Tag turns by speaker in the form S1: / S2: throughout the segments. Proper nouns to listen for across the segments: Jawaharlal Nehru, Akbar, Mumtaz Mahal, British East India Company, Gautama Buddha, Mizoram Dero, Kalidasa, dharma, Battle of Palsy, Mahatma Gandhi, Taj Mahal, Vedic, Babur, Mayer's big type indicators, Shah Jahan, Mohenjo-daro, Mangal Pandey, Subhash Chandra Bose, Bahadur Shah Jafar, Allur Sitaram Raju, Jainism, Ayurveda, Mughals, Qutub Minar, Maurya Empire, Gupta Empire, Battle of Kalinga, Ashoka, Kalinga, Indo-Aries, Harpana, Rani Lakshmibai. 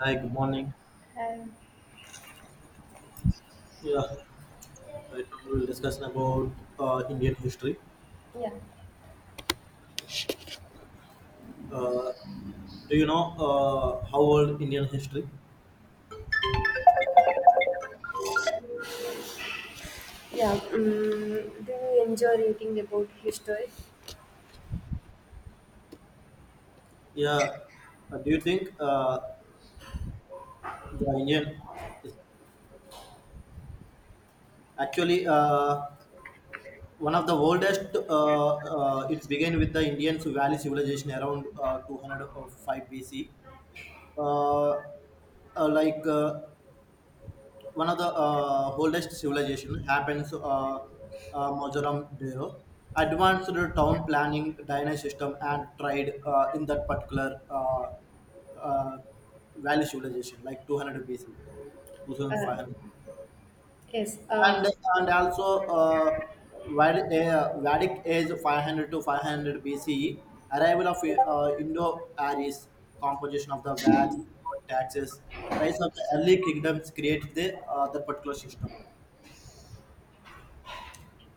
S1: Hi, good morning.
S2: Um,
S1: Yeah, right now we'll discuss about Indian history.
S2: yeah,
S1: Uh, do you know how old Indian history?
S2: yeah. Do you enjoy reading about history?
S1: Yeah. Do you think the Indian is actually one of the oldest? It began with the Indian Valley civilization around 205 BC. Uh, like one of the oldest civilization happens Mizoram Dero. Advanced town planning, dynasty system, and trade in that particular uh, valley civilization, like 200 BC, 2500,
S2: Uh, yes.
S1: and also uh, Vedic age 500 to 500 BCE, arrival of Indo-Aries, composition of the VAT, taxes, rise of the early kingdoms create the particular system.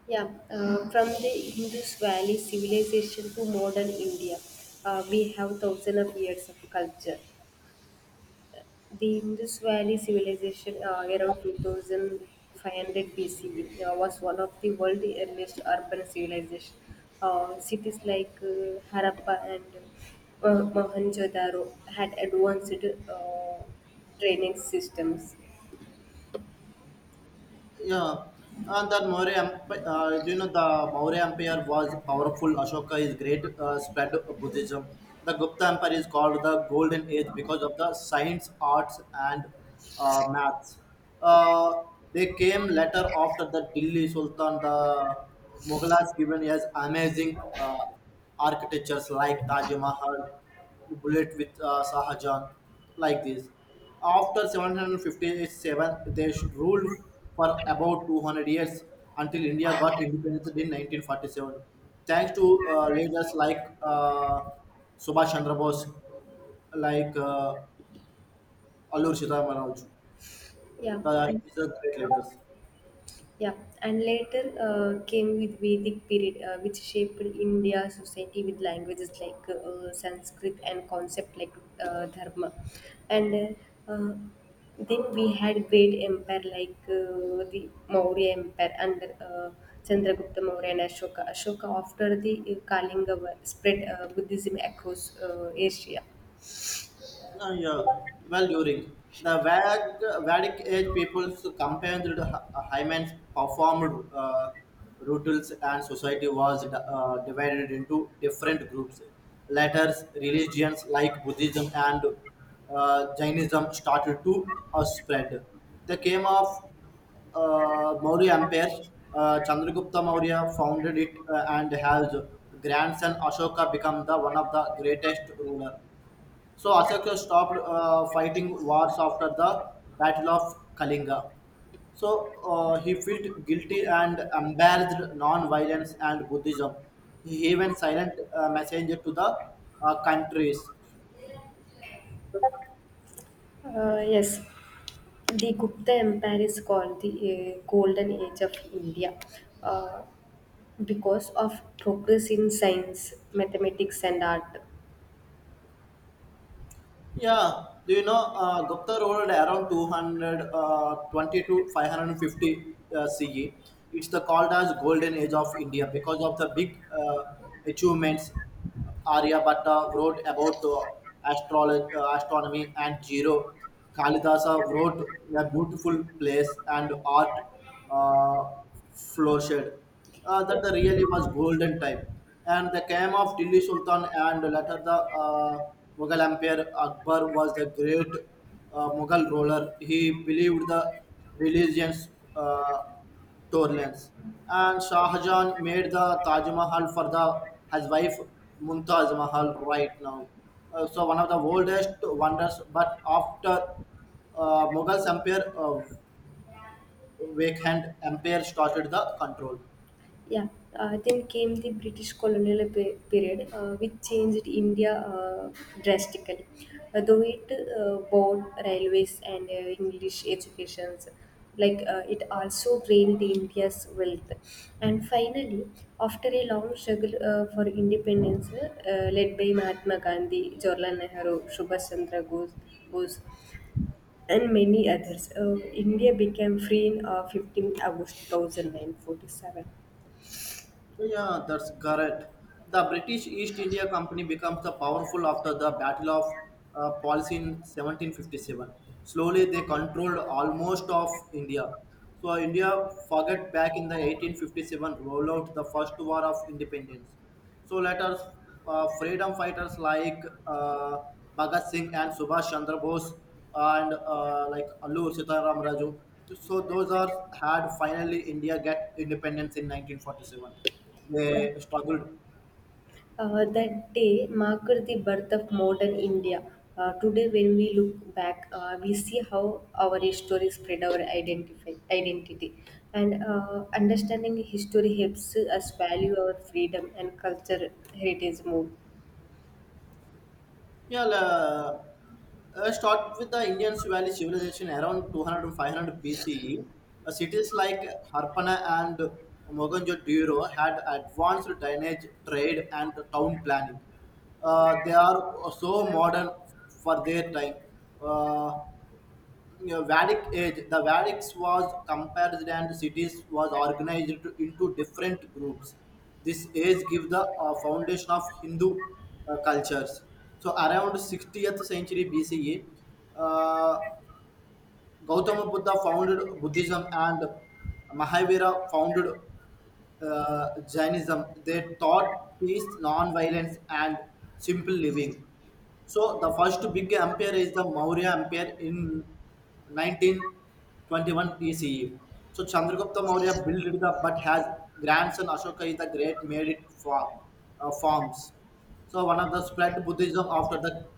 S2: Yeah. From the Indus Valley civilization to modern India, we have thousands of years of culture. The Indus Valley Civilization, around 2500 BCE, was one of the world's earliest urban civilizations. Cities like Harappa and Mohenjo-daro had advanced uh, training systems.
S1: Yeah, and that Maurya, Emp- you know, the Maurya Empire was powerful. Ashoka is great, spread of Buddhism. The Gupta Empire is called the Golden Age because of the science, arts, and maths. Uh, they came later after the Delhi Sultan. The Mughals given as amazing architectures like Taj Mahal, Bullet with Shah Jahan, like this. After 757, they ruled for about 200 years until India got independence in 1947. Thanks to leaders like Subhash Chandra Bose, like Allur Sitaram Raju.
S2: Yeah,
S1: The,
S2: and
S1: these are great leaders.
S2: Yeah, and later came with Vedic period, which shaped India society with languages like Sanskrit and concept like dharma. And uh, uh, then we had great empire like the Maurya Empire under Chandragupta Maurya and Ashoka. Ashoka after the Kalinga war spread Buddhism across Asia.
S1: Uh, yeah. Well, during the Vedic age, people's compared the Hyman's performed rituals and society was divided into different groups. Later, religions like Buddhism and Jainism started to spread. The came of Maurya Empire, Chandragupta Maurya founded it and has grandson Ashoka become the one of the greatest ruler. So Ashoka stopped fighting wars after the Battle of Kalinga. So he felt guilty and embarrassed non-violence and Buddhism. He even silent messenger to the countries.
S2: Yes. The Gupta Empire is called the Golden Age of India uh, because of progress in science, mathematics, and art.
S1: Yeah, do you know, Gupta rolled around 220 to 550 CE. It's the called as golden age of India because of the big achievements. Aryabhatta wrote about astrology, astronomy and zero. Kalidasa wrote a beautiful place and art. Uh, Flow shed, that the really was golden time and the came of Delhi Sultan and later the uh, Mughal Empire. Akbar was the great Mughal ruler. He believed the religions uh, tolerance and Shah Jahan made the Taj Mahal for the his wife Mumtaz Mahal right now. So one of the oldest wonders, but after Mughal Empire, Wakekhand Empire started the control.
S2: Yeah, then came the British colonial period, which changed India drastically. Though it bought railways and English educations, like it also drained India's wealth. And finally, after a long struggle for independence, led by Mahatma Gandhi, Jawaharlal Nehru, Subhash Chandra Bose, and many others, India became free in 15th August 1947.
S1: So, yeah, that's correct. The British East India Company becomes the powerful after the Battle of Palsy in 1757. Slowly, they controlled almost of India. So India forget back in the 1857 rollout the first war of independence. So let freedom fighters like uh, Bhagat Singh and Subhash Chandra Bose and like Allur Sitaram Raju. So those are had finally India get independence in 1947. They struggled.
S2: That day marked the birth of modern India. Today, when we look back, we see how our history spread our identity. And understanding history helps us value our freedom and culture heritage more.
S1: Yeah, start with the Indian Valley civilization around 200 to 500 BCE. Cities like Harpana and Mohenjo-daro had advanced drainage, trade, and town planning. They are so modern for their time. Uh, you know, Vedic age, the Vedics was compared and cities was organized into different groups. This age gives the foundation of Hindu cultures. So around 60th century BCE, uh, Gautama Buddha founded Buddhism and Mahavira founded Jainism. They taught peace, non-violence, and simple living. So the first big empire is the Maurya Empire in 1921 BCE. So Chandragupta Maurya built it up, but has grandson Ashoka is the Great made it for, forms. So one of the spread Buddhism after the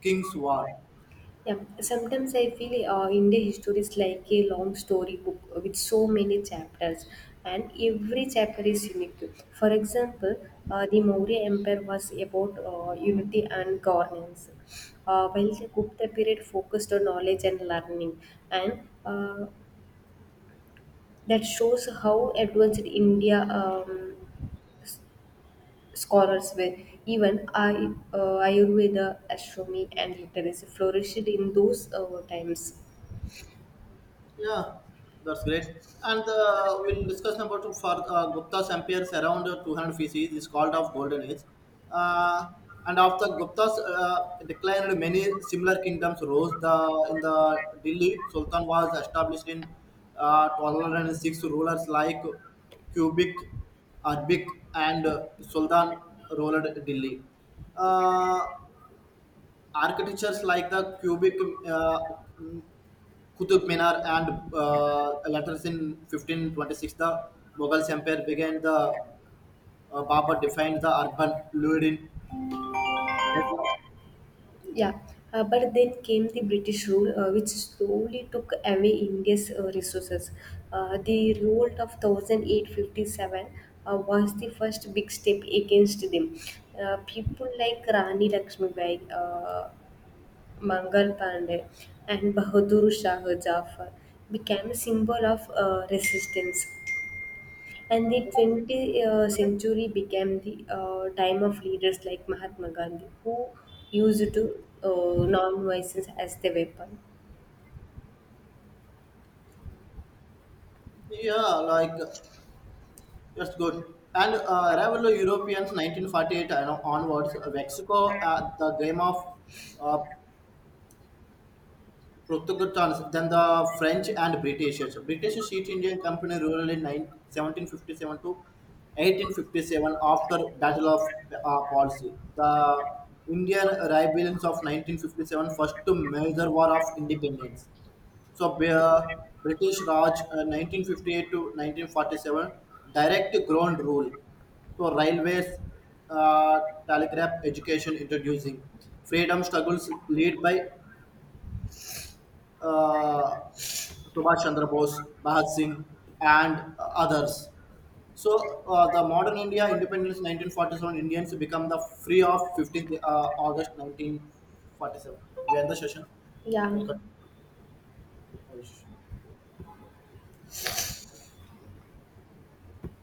S1: King's War.
S2: Yeah, sometimes I feel India history is like a long storybook with so many chapters, and every chapter is unique. For example, the Maurya Empire was about unity and governance, while the Gupta period focused on knowledge and learning, and that shows how advanced India scholars were. Even I, Ayurveda, astronomy, and literacy flourished in those times.
S1: Yeah, that's great. And we'll discuss number two for Gupta's empires around 200 BC is called of Golden Age. Uh, and after Gupta's decline, many similar kingdoms rose. The in the Delhi Sultan was established in 1206. Rulers like Kubik, Arbik, and Sultan ruled Delhi. Uh, architectures like the Cubic uh, Qutub Minar and letters in 1526, the Mughals Empire began the Babur defined the urban Lurin.
S2: Yeah, but then came the British rule, which slowly took away India's resources. The revolt of 1857 was the first big step against them. People like Rani Lakshmibai, Mangal Pandey, and Bahadur Shah Jafar became a symbol of resistance. And the 20th century became the time of leaders like Mahatma Gandhi, who used to non-violence as the weapon.
S1: Yeah, like that's good. And rival Europeans 1948 and onwards, Mexico at the game of uh, Portugal trans than the French and British. British East India Company ruled in 9 1757 to 1857 after Battle of Palsy. The Indian rebellions of 1957 first major war of independence. So British Raj, 1958 to 1947 direct ground rule. So railways, uh, telegraph, education introducing freedom struggles led by uh, Subhash Chandra Bose, Bhagat Singh, and others. So, the modern India independence 1947, Indians become the free of 15th August 1947. We end the session.
S2: Yeah.
S1: Welcome.